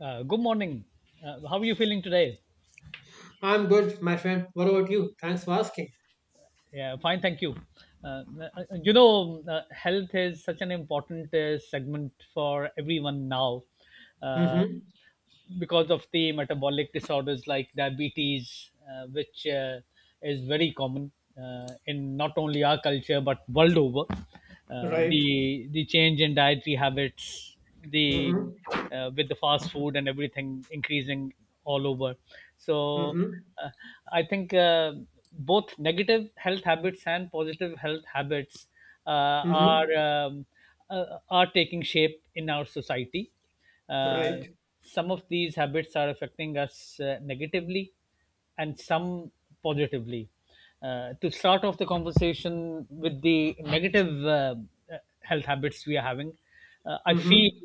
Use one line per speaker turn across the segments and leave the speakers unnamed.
Good morning. How are you feeling today?
I'm good, my friend. What about you? Thanks for asking.
Yeah, fine, thank you. Health is such an important segment for everyone now, uh,
Mm-hmm.
because of the metabolic disorders like diabetes, which is very common in not only our culture but world over.
Right.
The change in dietary habits, the,
Mm-hmm.
with the fast food and everything increasing all over. So
Mm-hmm.
uh, I think, both negative health habits and positive health habits are,
Mm-hmm.
are taking shape in our society. Uh,
Right.
some of these habits are affecting us negatively, and some positively. To start off the conversation with the negative health habits we are having, uh, I feel
Mm-hmm.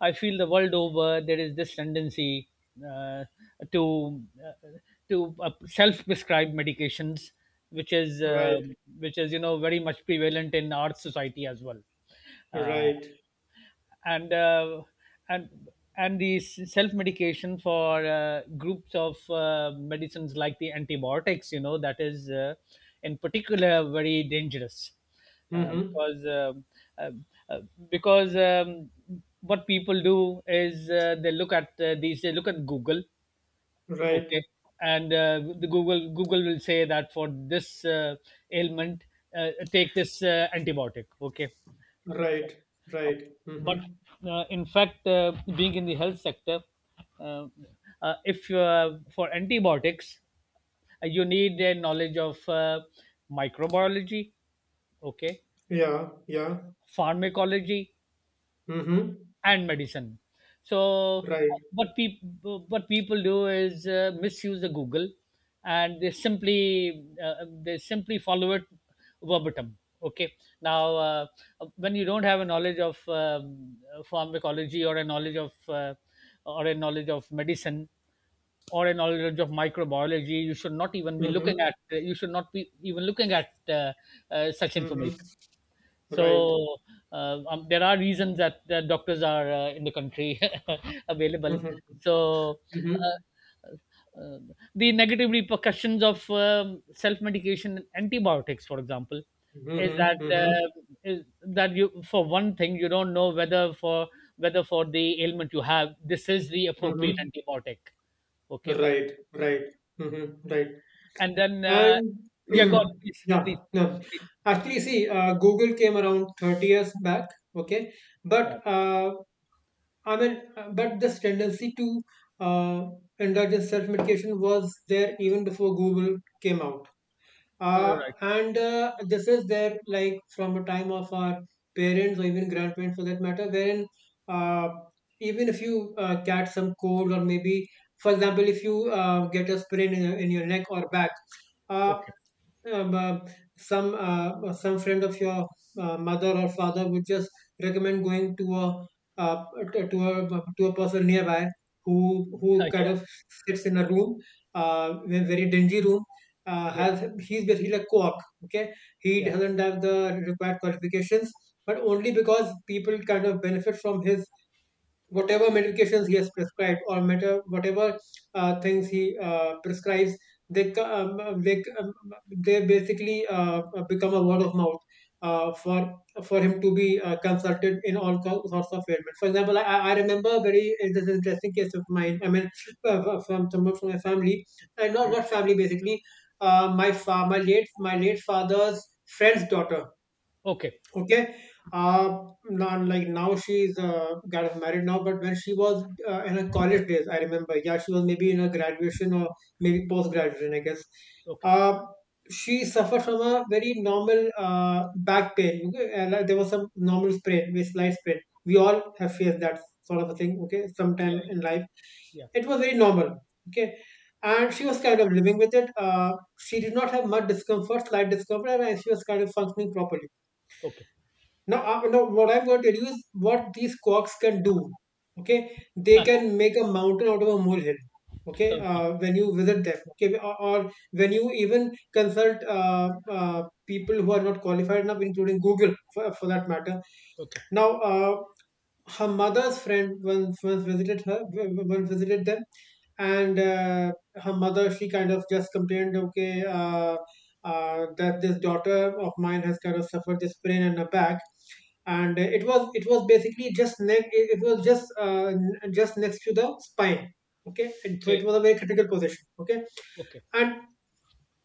I feel the world over there is this tendency uh, to uh, to self-prescribe medications, which is,
Right.
which is, you know, very much prevalent in our society as well. Uh,
Right.
and uh, and and the self medication for groups of medicines like the antibiotics, you know, that is in particular very dangerous, uh,
Mm-hmm.
because um, uh, uh, because what people do is, they look at these they look at Google, okay,
Right.
and the Google will say that for this ailment, take this antibiotic, okay.
Right.
uh,
Right.
but
Mm-hmm.
uh, in fact, being in the health sector, uh, if for antibiotics, you need a knowledge of microbiology, okay,
Yeah. Yeah.
pharmacology,
Mm-hmm.
and medicine. So
Right.
what people do is misuse the Google, and they simply, they simply follow it verbatim. Okay, now, when you don't have a knowledge of pharmacology, or a knowledge of or a knowledge of medicine, or a knowledge of microbiology, you should not even be looking
Mm-hmm.
at, you should not be even looking at such
Mm-hmm.
information.
Right.
So there are reasons that that doctors are in the country available.
Mm-hmm.
So
Mm-hmm.
uh, uh, the negative repercussions of self-medication and antibiotics, for example, is that,
Mm-hmm. Mm-hmm.
you, for one thing, you don't know whether for, whether for the ailment you have, this is the appropriate
Mm-hmm.
antibiotic. Okay,
Right. Right. Mm-hmm. Right.
and then,
And
yeah, go on, please,
yeah,
please,
no.
please.
Actually, see, Google came around 30 years back, okay?
Yeah,
But I mean, but this tendency to uh, indulge in self medication was there even before Google came out.
you're
Uh,
right.
and this is there like from the time of our parents or even grandparents for that matter, wherein uh, even if you get some cold or maybe, for example, if you get a sprain in your neck or back, uh,
Okay,
um, uh, some friend of your mother or father would just recommend going to a uh, t- to a to a person nearby who who
yeah,
kind of sits in a room, in a very dingy room,
yeah,
has he's basically a co-op. Okay, he
yeah,
doesn't have the required qualifications, but only because people kind of benefit from his whatever medications he has prescribed, or matter whatever things he prescribes. They co- um, um, they, um, um, they basically become a word of mouth for him to be consulted in all sorts of ailments. For example, I remember a very this is an interesting case of mine. I mean, from someone from my family, not
yeah.
not family basically. My late father's friend's daughter.
Okay.
Okay. uh Not like, now she's got married now, but when she was in her college days, I remember, yeah, she was maybe in her graduation or maybe post graduation, I guess.
Okay.
uh she suffered from a very normal back pain, okay? And there was some normal sprain, with slight sprain. We all have faced that sort of a thing, okay,
Yeah.
sometime in life.
Yeah. Yeah.
It was very normal, okay. And she was kind of living with it. She did not have much discomfort, slight discomfort, and she was kind of functioning properly.
Okay.
Now, no, what I'm going to tell you is what these quarks can do. Okay, they
Ah,
can make a mountain out of a molehill, okay,
okay.
when you visit them. Okay, or when you even consult people who are not qualified enough, including Google, for that matter.
Okay.
Now, her mother's friend once visited them, and her mother, she kind of just complained, okay, that this daughter of mine has kind of suffered this pain in her back. And it was basically just neck. It was just just next to the spine. So it was a very critical position, okay.
Okay.
And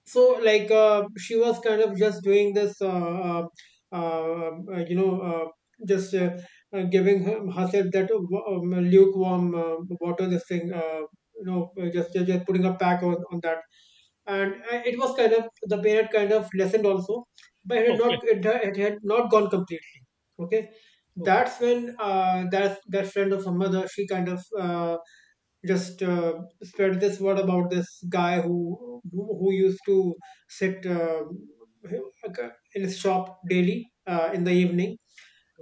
so, like, she was kind of just doing this uh, uh, um, uh, you know uh, just giving herself that lukewarm water, this thing, just putting a pack on that. And it was kind of, the pain had kind of lessened also, but it had
Okay. Okay.
not, it had not gone completely, okay.
Okay.
That's when, that friend of her mother, she kind of just spread this word about this guy who used to sit, like, in his shop daily, in the evening.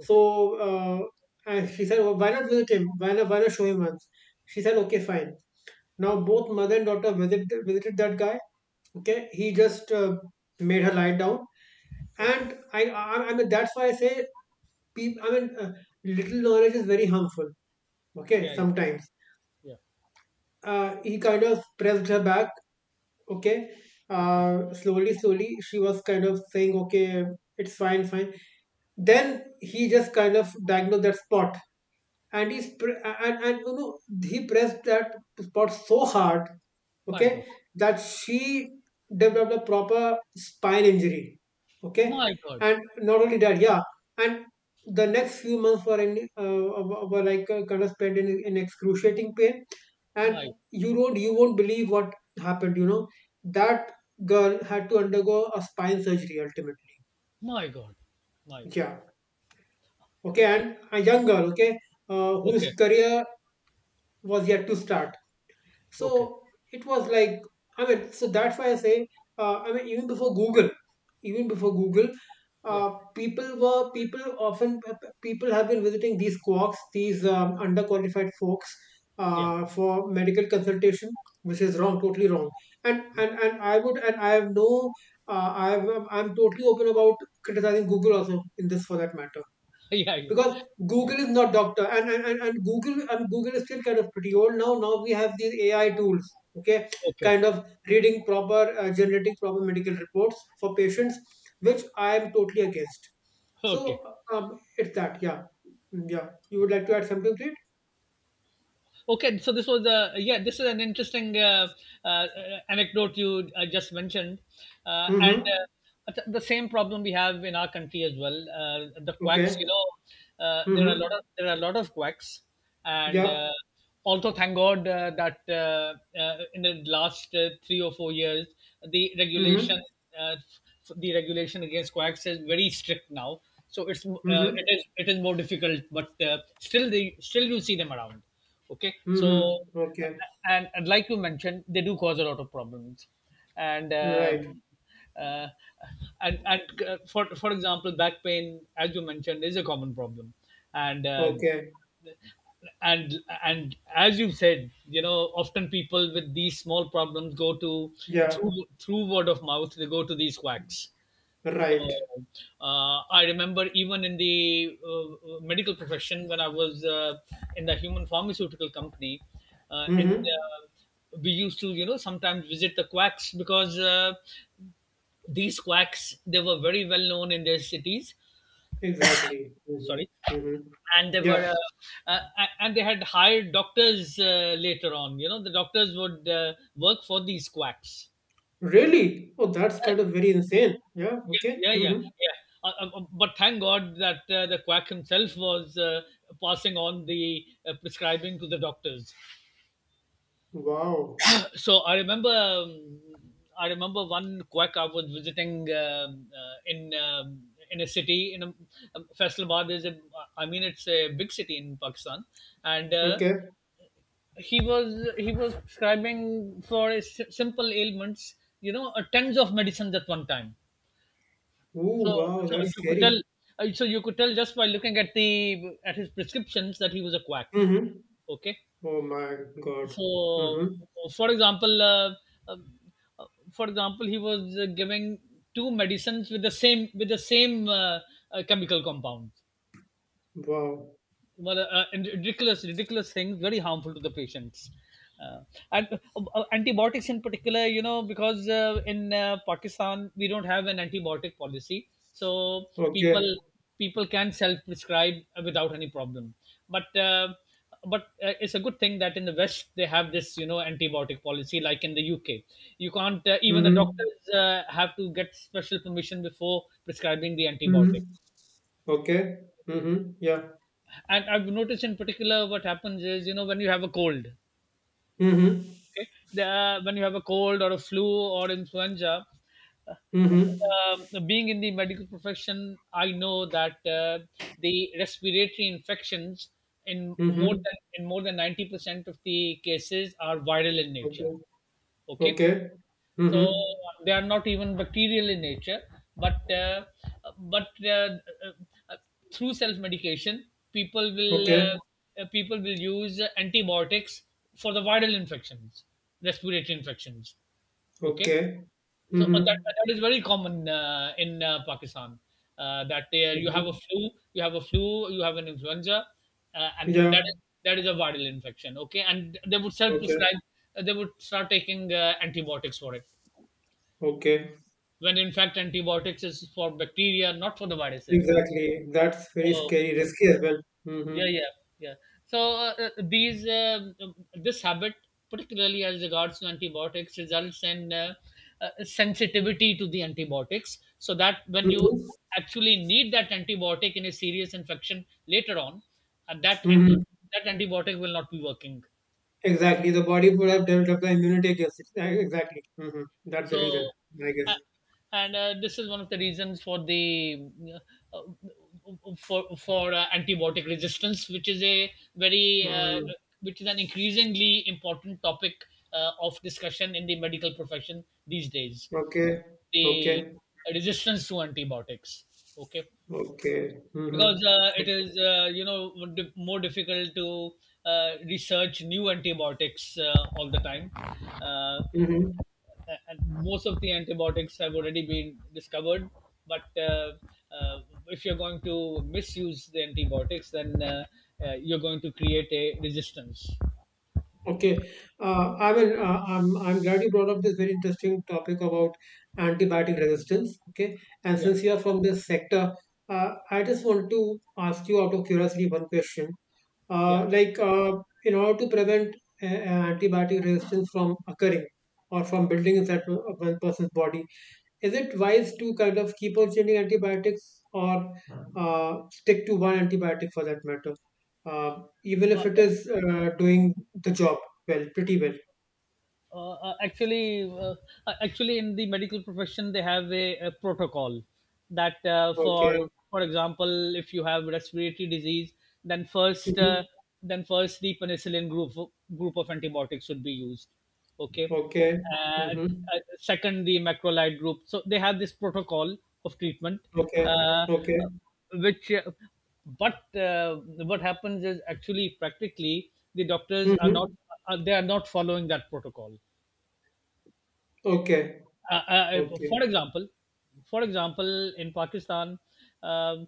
So, uh, and she said, well, "Why not visit him? Why not show him once?" She said, "Okay, fine." Now both mother and daughter visited that guy. Okay, he just made her lie down.
Okay.
And I mean, that's why I say, people. I mean, little knowledge is very harmful. Okay,
Yeah. Yeah.
sometimes,
Yeah.
he kind of pressed her back, okay.
Okay.
Slowly, slowly she was kind of saying, okay, it's fine, fine. Then he just kind of diagnosed that spot, and he and you know he pressed that spot so hard, okay,
My God.
that she developed a proper spine injury, okay.
My God.
And not only that, yeah. And the next few months were in were were like, kind of spent in excruciating pain. And
My.
you won't believe what happened, you know, that girl had to undergo a spine surgery ultimately.
My God. My God.
Yeah, okay. And
Okay.
a young girl, okay, whose
Okay.
career was yet to start.
Okay.
So it was like, I mean, so that's why I say, I mean, even before Google,
Yeah.
people were people often people have been visiting these quacks, these underqualified folks,
Yeah.
for medical consultation, which is wrong, totally wrong. And I would and I have no, I have, I'm totally open about criticizing Google also in this, for that matter.
Yeah. Yeah.
Because
Yeah.
Google is not doctor. And Google is still kind of pretty old. Now we have these AI tools, okay,
Okay.
kind of reading proper generating proper medical reports for patients, which I am totally against. So,
Okay.
it's that. Yeah. Mm, yeah. You would like to add something to it?
Okay, so this was a, yeah, this is an interesting uh, anecdote you just mentioned, and
Mm-hmm.
the same problem we have in our country as well. The quacks, you
Okay.
know, there are a lot of,
Mm-hmm.
quacks, and
Yeah.
also thank God that in the last 3 or 4 years, the regulation,
Mm-hmm.
uh, the regulation against quacks is very strict now. So it's
Mm-hmm.
it is more difficult, but still the, still you see them around, okay. So,
Mm-hmm. Okay.
and like you mentioned, they do cause a lot of problems, and
Right.
um, uh, and for example, back pain, as you mentioned, is a common problem, and
Okay.
and as you said, you know, often people with these small problems go to,
Yeah.
through, through word of mouth, they go to these quacks. So
Right.
I remember, even in the medical profession, when I was in the human pharmaceutical company, in
Mm-hmm.
we used to, you know, sometimes visit the quacks, because these quacks, they were very well known in their cities.
Exactly.
Sorry,
Mm-hmm. Mm-hmm.
and they
Yeah.
were uh, uh, and they had hired doctors later on. You know, the doctors would work for these quacks.
Really? Oh, that's kind of very insane. Yeah, okay.
Yeah, yeah,
Mm-hmm.
yeah. But thank God that the quack himself was passing on the, prescribing to the doctors.
Wow.
So I remember one quack I was visiting, in a city in a, Faisalabad is a, I mean, it's a big city in Pakistan, and
Okay.
he was prescribing for a simple ailments, you know, tons of medicines at one time.
Ooh,
So,
wow,
so
that's
you could tell,
scary.
so you could tell just by looking at the, at his prescriptions, that he was a quack.
Mm-hmm.
Okay,
Oh my God.
so
Mm-hmm.
for example, uh, um, uh, for example, he was giving two medicines with the same, with the same chemical compound.
Wow.
Well, and ridiculous, ridiculous things, very harmful to the patients. Uh, and Antibiotics in particular, you know, because in Pakistan we don't have an antibiotic policy, so people
Okay.
people can self-prescribe without any problem. But uh, but it's a good thing that in the West they have this, you know, antibiotic policy. Like in the UK, you can't, even the
Mm-hmm.
doctors have to get special permission before prescribing the
Mm-hmm.
antibiotic.
Okay. Mm-hmm. Yeah.
And I've noticed in particular what happens is, you know, when you have a cold,
Mm-hmm.
okay, the, when you have a cold or a flu or influenza, uh,
Mm-hmm.
being in the medical profession, I know that the respiratory infections,
Mm-hmm.
in more than 90% of the cases are viral in nature.
Okay.
Okay,
Okay.
so
Mm-hmm.
they are not even bacterial in nature, but but uh, uh, uh, through self medication,
Okay.
people will use antibiotics for the viral infections, respiratory infections. Okay,
Okay.
so
Mm-hmm.
that is very common in Pakistan. That there, you have a
Mm-hmm.
flu, you have a flu, you have an influenza, and
Yeah.
that is, that is a viral infection. Okay, and they would self
Okay.
prescribe. They would start taking antibiotics for it,
Okay.
when in fact antibiotics is for bacteria, not for the viruses.
Exactly. That's very
So
scary, risky as well. Mm-hmm.
yeah, yeah, yeah. So these this habit, particularly as regards to antibiotics, results in sensitivity to the antibiotics, so that when you
Mm-hmm.
actually need that antibiotic in a serious infection later on, uh, that anti
Mm-hmm.
that antibiotic will not be working.
Exactly. The body would have developed the immunity against it. Exactly. That's the
So,
reason, I guess.
a- and this is one of the reasons for the, uh, for antibiotic resistance, which is a very,
Mm.
which is an increasingly important topic of discussion in the medical profession these days.
Okay.
The
Okay.
resistance to antibiotics. Okay.
Okay. Hmm.
Because it
Okay.
is, you know, more difficult to research new antibiotics all the time. Uh,
Hmm.
and most of the antibiotics have already been discovered. But uh, if you're going to misuse the antibiotics, then, you're going to create a resistance.
Okay. I mean, I'm glad you brought up this very interesting topic about antibiotic resistance. Okay. And
Yeah,
since you are from this sector, I just want to ask you, out of curiosity, one question.
yeah.
Like, in order to prevent antibiotic resistance from occurring, or from building inside one person's body, is it wise to kind of keep on changing antibiotics, or stick to one antibiotic for that matter, uh, even
Uh,
if it is doing the job well, pretty well?
uh, uh, actually uh, Actually, in the medical profession they have a protocol that,
Okay.
for example, if you have respiratory disease, then first,
Mm-hmm.
the penicillin group, group of antibiotics should be used, okay,
Okay.
and
Mm-hmm.
second, the macrolide group. So they have this protocol of treatment,
Okay.
uh,
Okay.
which but what happens is actually practically the doctors are not,
Mm-hmm.
they are not following that protocol.
Okay.
uh, uh, uh,
Okay.
for example, for example, in Pakistan, um,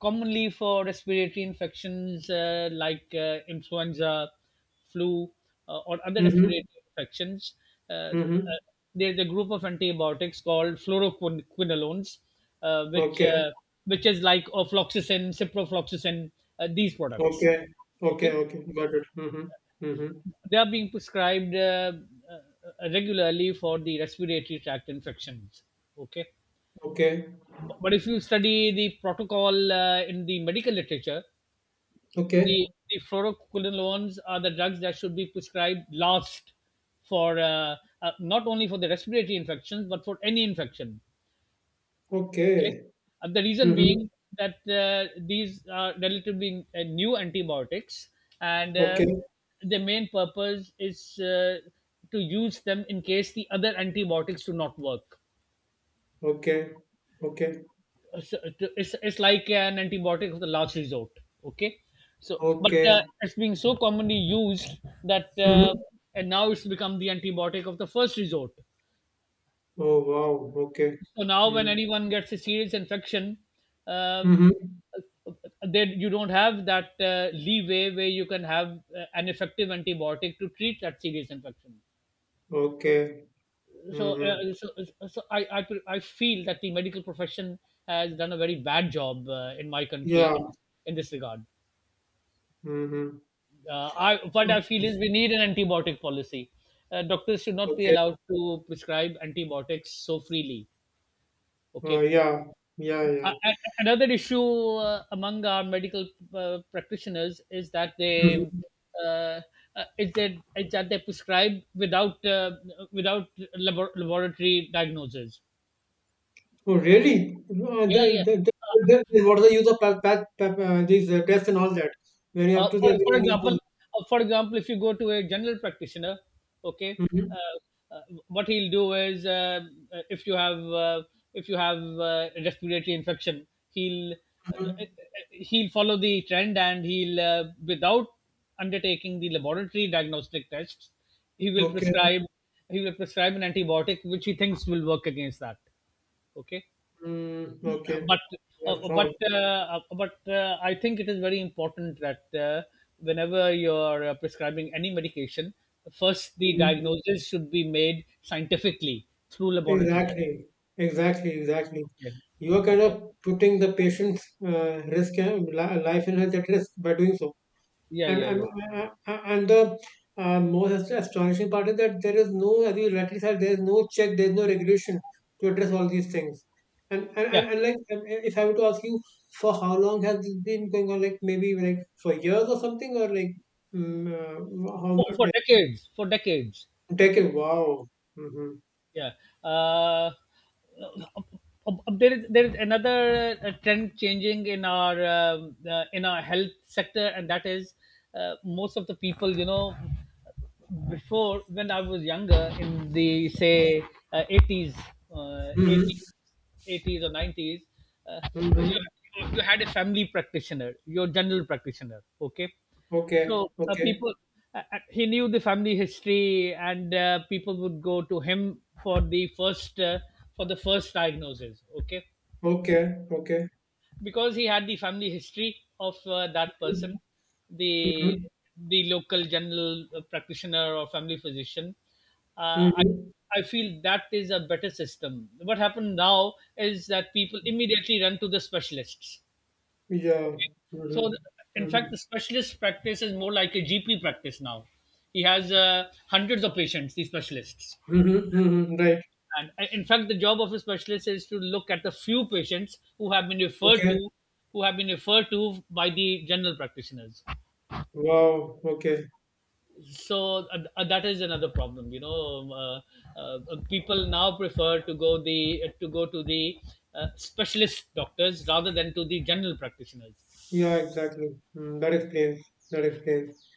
commonly for respiratory infections, like influenza, flu, or other
Mm-hmm.
respiratory infections, uh, uh,
Mm-hmm.
there's a group of antibiotics called fluoroquinolones, uh, which
Okay.
uh, which is like ofloxacin, ciprofloxacin, these products.
Okay. Okay.
Okay,
Okay. Got it. Mm-hmm. Mm-hmm.
they are being prescribed regularly for the respiratory tract infections. Okay,
Okay,
but if you study the protocol in the medical literature,
okay,
the fluoroquinolones are the drugs that should be prescribed last for, not only for the respiratory infections but for any infection. Okay,
okay.
and the reason
Mm-hmm.
being that, these are relatively new antibiotics, and
Okay,
the main purpose is to use them in case the other antibiotics do not work.
okay, okay,
So it's like an antibiotic of the last resort, okay. So but
okay.
it's being so commonly used that,
Mm-hmm.
and now it's become the antibiotic of the first resort.
Oh wow, okay.
So now when anyone gets a serious infection, um,
Mm-hmm.
then you don't have that leeway where you can have an effective antibiotic to treat that serious infection.
Okay.
So,
Mm-hmm.
I feel that the medical profession has done a very bad job in my
Yeah.
country, in this regard.
Mm-hmm.
I, what I feel is, we need an antibiotic policy. Doctors should not be
Okay.
allowed to prescribe antibiotics so freely. Okay.
Yeah. Yeah. Yeah.
Another issue among our medical practitioners is that they,
Mm-hmm.
uh, is that they prescribe without, without laboratory diagnoses.
Oh really?
Yeah, yeah.
Then what is the use of these tests and all that? When you have
Uh,
to do
for, for
everything on your
example,
own.
for example, if you go to a general practitioner, okay,
Mm-hmm.
uh, uh, what he'll do is uh, if you have uh, if you have respiratory infection,
Mm-hmm.
he'll follow the trend and he'll without undertaking the laboratory diagnostic tests, he will
Okay.
prescribe he will prescribe an antibiotic which he thinks will work against that. Okay.
Mm, okay.
but
That's
uh, but uh, but I think it is very important that whenever you're prescribing any medication, first the
wrong.
diagnosis should be made scientifically through laboratory testing.
Exactly, exactly, exactly.
Okay.
You are kind
Okay.
of putting the patient's life and health at risk by doing so.
Yeah.
And
Yeah.
and,
Yeah.
uh, uh, and the most astonishing part is that there is no, as you rightly said, there is no check, there is no regulation to address all these things. And and, and,
Yeah.
and like, if I were to ask you, for how long has this been going on? Like, maybe like for years or something, or like, how much? Like,
For decades.
decade? Wow. Mm-hmm.
Yeah. Uh, there is another trend changing in our health sector, and that is most of the people, you know, before when I was younger in the say uh, 80s, uh,
Mm-hmm.
80s, 80s or 90s, uh,
Mm-hmm.
you had a family practitioner, your general practitioner. Okay,
Okay.
so
Okay.
he knew the family history, and people would go to him for the first diagnosis. Okay,
Okay, okay.
because he had the family history of that person,
Mhm,
the
mhm,
the local general practitioner or family physician. Uh, I
mhm.
I feel that is a better system. What happened now is that people immediately run to the specialists,
Yeah.
so,
Mhm,
in fact,
mhm,
the specialist practice is more like a GP practice now. He has hundreds of patients, these specialists.
mhm, mhm. Right.
And in fact, the job of a specialist is to look at the few patients
Okay.
who have been referred to by the general practitioners.
Wow. Okay.
So that is another problem. You know, uh, uh, people now prefer to go to the specialist doctors rather than to the general practitioners.
Yeah, exactly. Mm, that explains. That explains.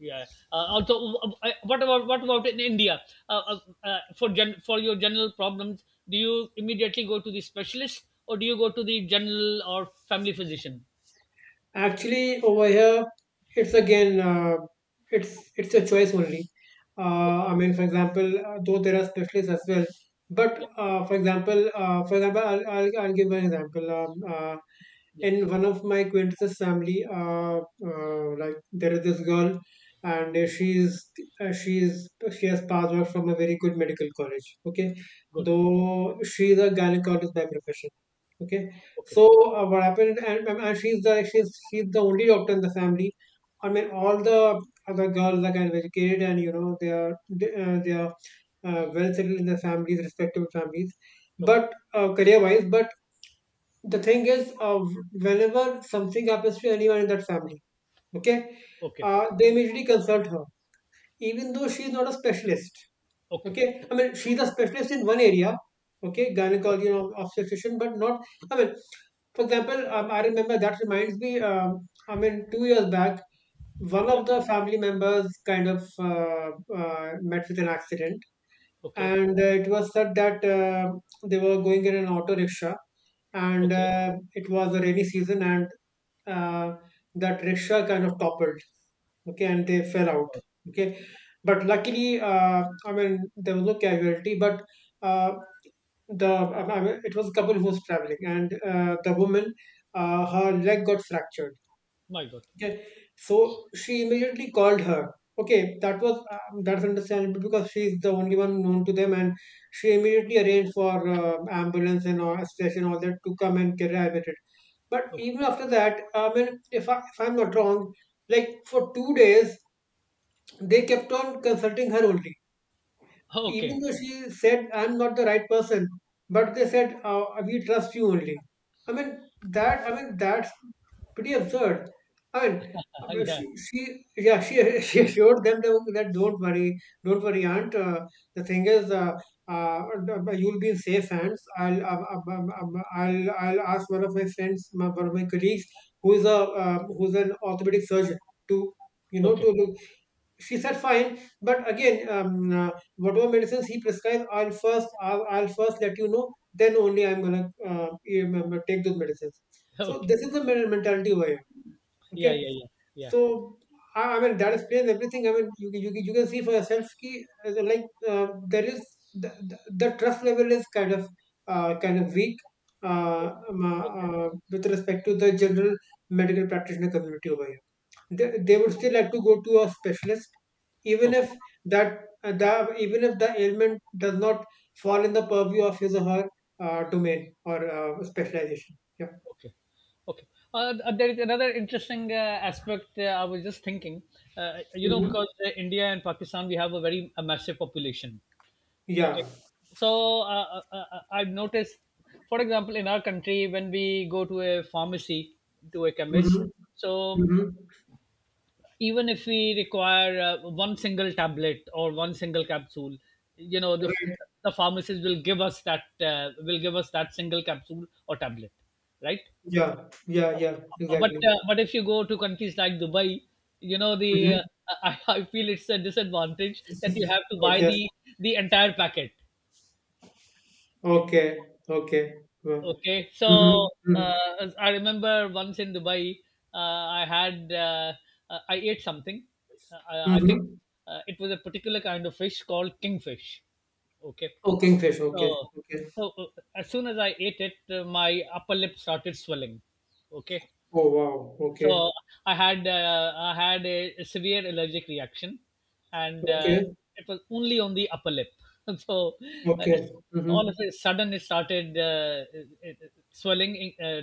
Yeah. Also, what about in India? Uh, uh, for your general problems, do you immediately go to the specialist or do you go to the general or family physician?
Actually, over here, it's again, it's a choice only.
Okay.
I mean, for example, though there are specialists as well, but
Yeah.
for example, I'll give an example.
Yeah.
In one of my acquaintances family, like there is this girl, and uh, she is she has passed out from a very good medical college, okay,
Good.
though she is a gynecologist by profession, okay.
Okay.
So, what happened, and she's the, she's the only doctor in the family. I mean, all the other girls are kind of educated, and you know, they are, they, uh, they are well settled in their families, respective families.
Okay.
But career wise. But the thing is, whenever something happens to anyone in that family, okay,
Okay.
they immediately consult her, even though she is not a specialist.
Okay.
Okay, I mean, she's a specialist in one area, okay, gynecology
Okay.
and obstetrician, but not, I mean, for example, I remember that reminds me, I mean, 2 years back, one
Yeah.
of the family members kind of met with an accident
Okay.
and it was said that they were going in an auto rickshaw and
Okay.
it was a rainy season and uh, that rickshaw kind of toppled, okay, and they fell
Oh
out,
my God.
okay, but luckily, I mean, there was no casualty, but uh, the I mean, it was a couple who was traveling and the woman, her leg got fractured.
My God.
Okay, so she immediately called her. Okay, that was that's understandable because she is the only one known to them, and she immediately arranged for ambulance and all, station, all that to come and get evacuated. But
Okay.
even after that, I mean, if I'm not wrong, like for 2 days they kept on consulting her only, even
Okay.
though she said, I'm not the right person, but they said, we trust you only. I mean, I mean, that's pretty absurd. I mean, I mean,
yeah.
she, she assured them that, don't worry, aunt. The thing is, uh, uh, you'll be in safe hands. I'll ask one of my friends, one of my colleagues, who is who's an orthopedic surgeon, to, you know,
Okay.
to— she said fine, but again whatever medicines he prescribes, I'll first let you know, then only I'm gonna take those medicines. So
Okay.
this is the mentality over here,
Yeah.
okay.
Yeah. Yeah. Yeah.
So I mean, that explains everything. I mean, you can see for yourself ki, like there is the, the, the trust level is kind of weak uh, um, uh,
Okay.
with respect to the general medical practitioner community over here. They would still have to go to a specialist even
Okay.
if that, the even if the ailment does not fall in the purview of his or her domain or specialization, yeah.
Okay. Okay. There is another interesting aspect I was just thinking. You know,
Mhm.
because India and Pakistan, we have a very a massive population.
Yeah.
Okay. So I've noticed, for example, in our country, when we go to a pharmacy, to a chemist,
Hmm.
so
Hmm.
even if we require one single tablet or one single capsule, you know, the, f-
Right.
the pharmacist will give us that single capsule or tablet, right?
Yeah, yeah, yeah,
but
exactly.
uh, but if you go to countries like Dubai, you know the
Hmm.
I feel it's a disadvantage that you have to buy
Okay.
the entire packet.
Okay. Okay. Yeah.
Okay,
Mm-hmm.
so
Mm-hmm.
as I remember once in Dubai, uh, I had uh, I ate something. I think
Mm-hmm.
it was a particular kind of fish called kingfish. Okay,
Oh, kingfish. Okay.
so
Okay.
so as soon as I ate it, my upper lip started swelling. Okay,
Oh, wow. Okay.
so I had a severe allergic reaction, and
Okay.
it was only on the upper lip. so uh,
Okay.
it's,
Mm-hmm.
all of a sudden it started swelling in- uh,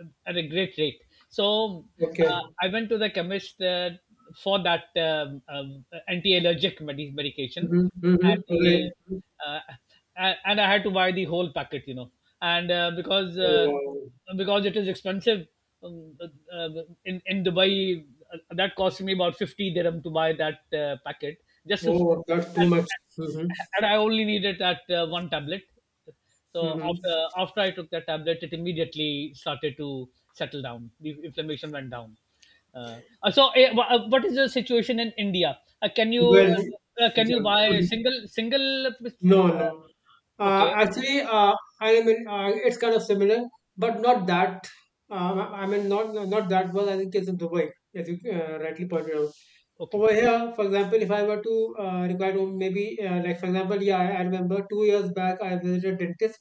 uh, at a great rate. So
Okay.
I went to the chemist for that anti-allergic medication,
Mhm,
and
mhm, right.
uh, and I had to buy the whole packet, you know, and
Oh, wow.
because it is expensive um, uh, uh, in Dubai, that cost me about 50 dirham to buy that packet just to,
Oh, that's too much. Mhm,
and I only needed that one tablet, so
mhm.
after I took that tablet, it immediately started to settle down. The inflammation went down. What is the situation in India? Can you
Well,
can you
yeah.
buy
Mhm.
single single?
No, no.
Okay,
Actually, I mean, it's kind of similar, but not that. I mean, not that well. I think it's in Dubai, as you rightly pointed out.
okay,
Over here, for example, if I were to require to maybe like for example, yeah, I remember 2 years back I visited a dentist,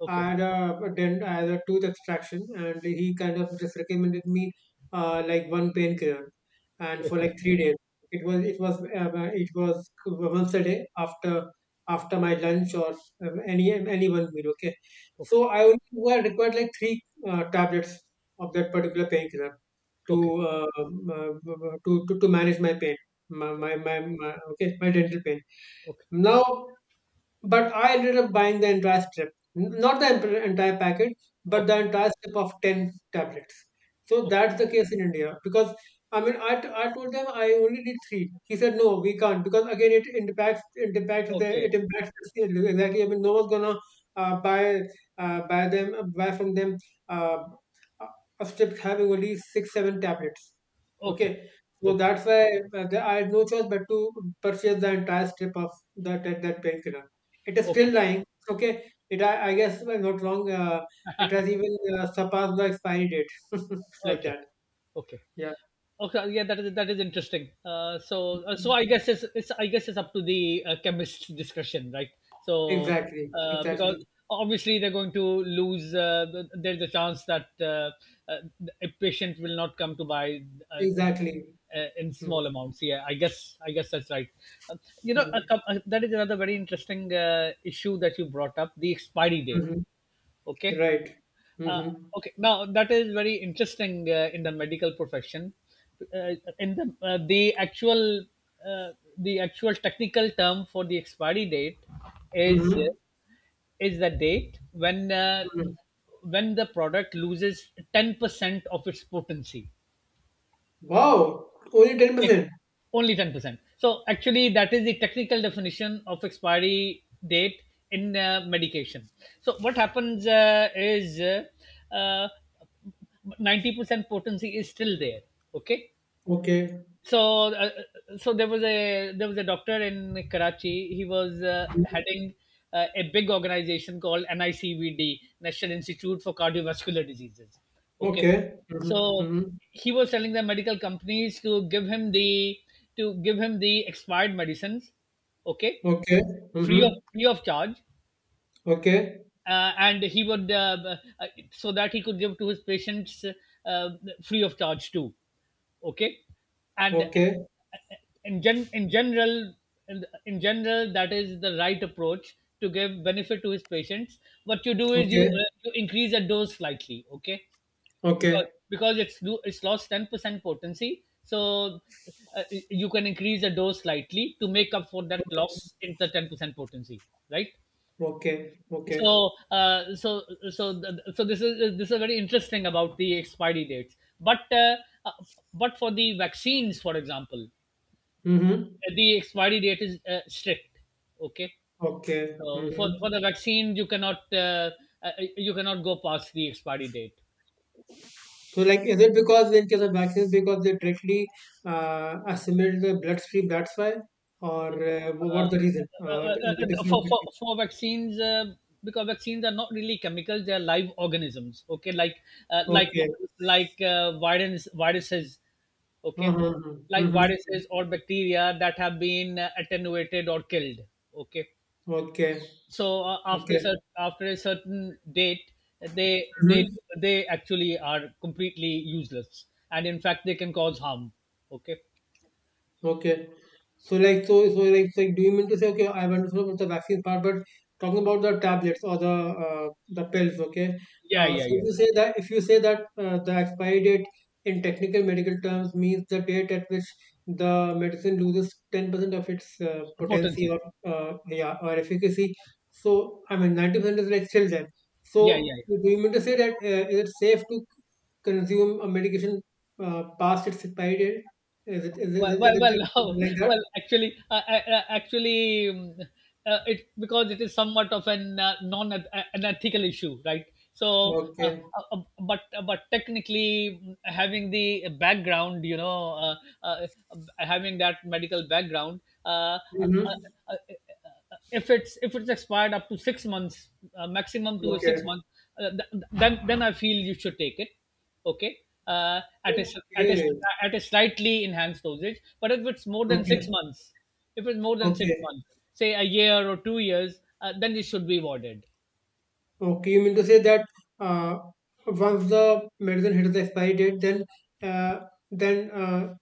okay,
had a dent as a tooth extraction, and he kind of just recommended me like one painkiller, and for
okay,
like 3 days. It was once a day after my lunch or any one meal. Okay,
okay,
so I required like three tablets of that particular painkiller
okay,
to, uh, um, uh, to manage my pain, my, okay, my dental pain.
okay,
Now, but I ended up buying the entire strip. Not the entire packet, but
okay,
the entire strip of 10 tablets. So that's the case in India. Because, I mean, I told them I only need three. He said, no, we can't. Because, again,
okay, okay,
it impacts the sale. Exactly. I mean, no one's gonna uh, buy, buy them, buy from them uh, a a strip having only six, seven tablets.
okay,
Okay.
okay,
So that's why I had no choice but to purchase the entire strip of that painkiller. It is
okay,
still
okay,
lying. Okay. I guess, if I'm not wrong, it has even surpassed the expiry date. Like
okay,
that.
okay.
Yeah.
Okay, yeah, that is interesting. So I guess it's I guess it's up to the chemist's discretion, right? So
Exactly.
because
Exactly.
obviously they're going to lose. There's a chance that uh, a patient will not come to buy uh,
Exactly.
in
Mm-hmm.
small amounts. Yeah, I guess that's right. Uh, you know,
Mm-hmm.
that is another very interesting issue that you brought up: the expiry date.
Mm-hmm.
Okay.
Right.
uh,
Mm-hmm.
okay, now that is very interesting in the medical profession. Uh, in the The actual uh, the actual technical term for the expiry date is
Mm-hmm.
is the date
Hmm.
when the product loses 10% of its potency.
Wow. Only
Yeah,
10%.
only 10%. So actually, that is the technical definition of expiry date in medication. So what happens is 90% potency is still there. Okay,
Okay.
so there was a doctor in Karachi. He was heading a big organization called NICVD, National Institute for Cardiovascular Diseases. Okay,
Okay. Mm-hmm.
so
Mm-hmm.
he was telling the medical companies to give him the expired medicines. Okay,
Okay. Mm-hmm.
free of charge,
Okay.
and he would so that he could give to his patients uh, free of charge too. Okay. And
Okay.
in general, in general that is the right approach to give benefit to his patients. What you do is
Okay.
you increase the dose slightly. Okay, because
Okay.
it's lost 10% potency. So you can increase the dose slightly to make up for that loss in the 10% potency, right?
Okay. Okay.
So so this is very interesting about the expiry dates, uh, but for the vaccines, for example,
Mm-hmm.
the expiry date is strict. Okay,
Okay.
so
Mm-hmm.
for the vaccine uh, you cannot go past the expiry date.
So, like, is it because in case of vaccines, because they directly assimilate the bloodstream, that's why, or
uh,
what's the reason?
uh, uh,
In the difference between.
for vaccines, because vaccines are not really chemicals, they are live organisms. Okay, uh, like
Okay.
like viruses.
Uh-huh,
Okay,
uh-huh,
like
mm-hmm,
viruses
mm-hmm.
or bacteria that have been attenuated or killed. Okay,
Okay.
so
Okay.
after a certain date, they
Mm-hmm.
they actually are completely useless, and in fact they can cause harm. Okay.
Okay. So like, do you mean to say, okay, I've understood about the vaccine part, but talking about the tablets or the pills, okay?
Yeah,
So
yeah, yeah.
if you say that the expiry date in technical medical terms means the date at which the medicine loses 10% of its potency
Potency.
or yeah, or efficacy. So I mean 90% is like still there.
Yeah, yeah,
So
yeah.
do you mean to say that is it safe to consume a medication past its expiry date? Is it
Well,
like that?
actually, it, because it is somewhat of an non an ethical issue, right? So, uh,
Okay.
uh, uh, but technically, mm, having the background, you know, uh, having that medical background,
Mm-hmm.
uh, if it's expired up to 6 months, maximum to six
Okay.
months, then I feel you should take it. Okay, uh, at a s- at a s-
Okay.
at a slightly enhanced dosage. But if it's more than six
Okay.
months, if it's more than six
Okay.
months, say a year or 2 years, then it should be avoided.
Okay. You mean to say that uh, once the medicine hits the expiry date, then uh, then uh,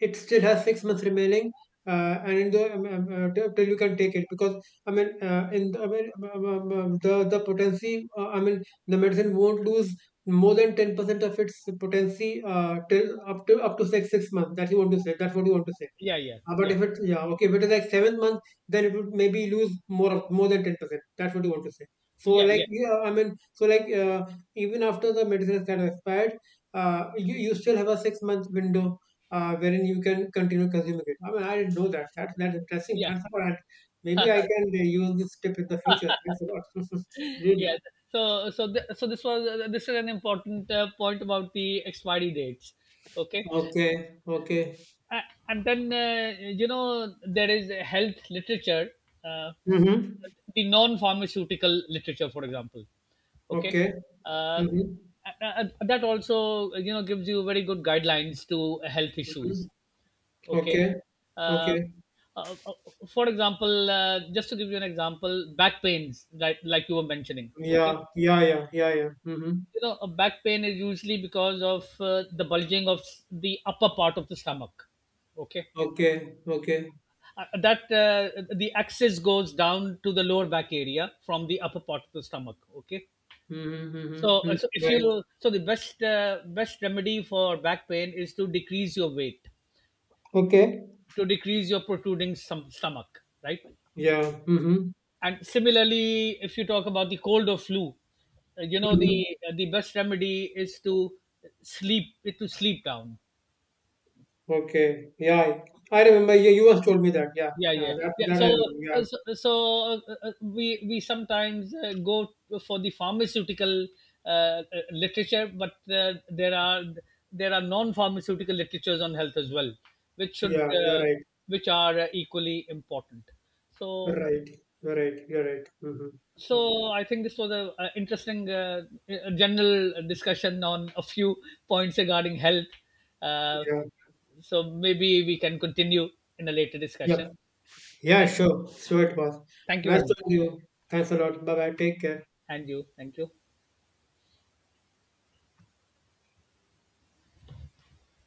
it still has 6 months remaining, and in the till you can take it, because I mean, I mean, the potency, I mean, the medicine won't lose more than 10% of its potency till up to six months. That's you want to say. That's what you want to say.
Yeah, yeah,
But
yeah,
if it's— yeah, okay, if it is like seventh month, then it would maybe lose more than 10%. That's what you want to say. So
yeah,
like,
yeah,
yeah, I mean, so like, even after the medicine is kind of expired, you you still have a 6 month window wherein you can continue consuming it. I mean, I didn't know that. That's interesting.
yeah,
Thanks a lot. Maybe I can use this tip in the future. Thanks a lot. Really?
yeah. So so this was this is an important point about the expiry dates. Okay.
Okay. Okay.
A- and then you know there is a health literature, uh,
Mm-hmm.
the non-pharmaceutical literature, for example. Okay,
Okay.
uh,
Mm-hmm.
a- that also you know gives you very good guidelines to health
Mm-hmm.
issues. Okay.
Okay.
uh,
Okay.
uh, uh, for example, just to give you an example, back pains, like you were mentioning. Okay,
Yeah. Yeah. Yeah. Yeah. Yeah. Mm-hmm.
you know a back pain is usually because of the bulging of the upper part of the stomach. Okay,
Okay, okay.
that the axis goes down to the lower back area from the upper part of the stomach. Okay,
Mhm,
so
mhm, mhm.
so if you
Right.
so the best best remedy for back pain is to decrease your weight,
Okay.
to decrease your protruding stomach, right?
Yeah. Mhm,
And similarly if you talk about the cold or flu, you know
mhm.
the best remedy is to sleep, to sleep down.
Okay. Yeah. I remember you, once told me that. Yeah.
Yeah,
Yeah.
yeah,
That
yeah.
that
So
I remember. Yeah.
uh, so, so we sometimes go for the pharmaceutical uh, uh, literature, but there are non pharmaceutical literatures on health as well, which should
Yeah. You're right.
which are equally important. So
Right. You're right. You're right. Mm-hmm.
so
Mm-hmm.
I think this was a interesting general discussion on a few points regarding health, uh,
Yeah.
so maybe we can continue in a later discussion.
Yep. Yeah.
thank
Sure. So it was
Thank you
nice
very much.
talking to you. Thanks a lot. Bye bye. Take care.
And you. Thank you.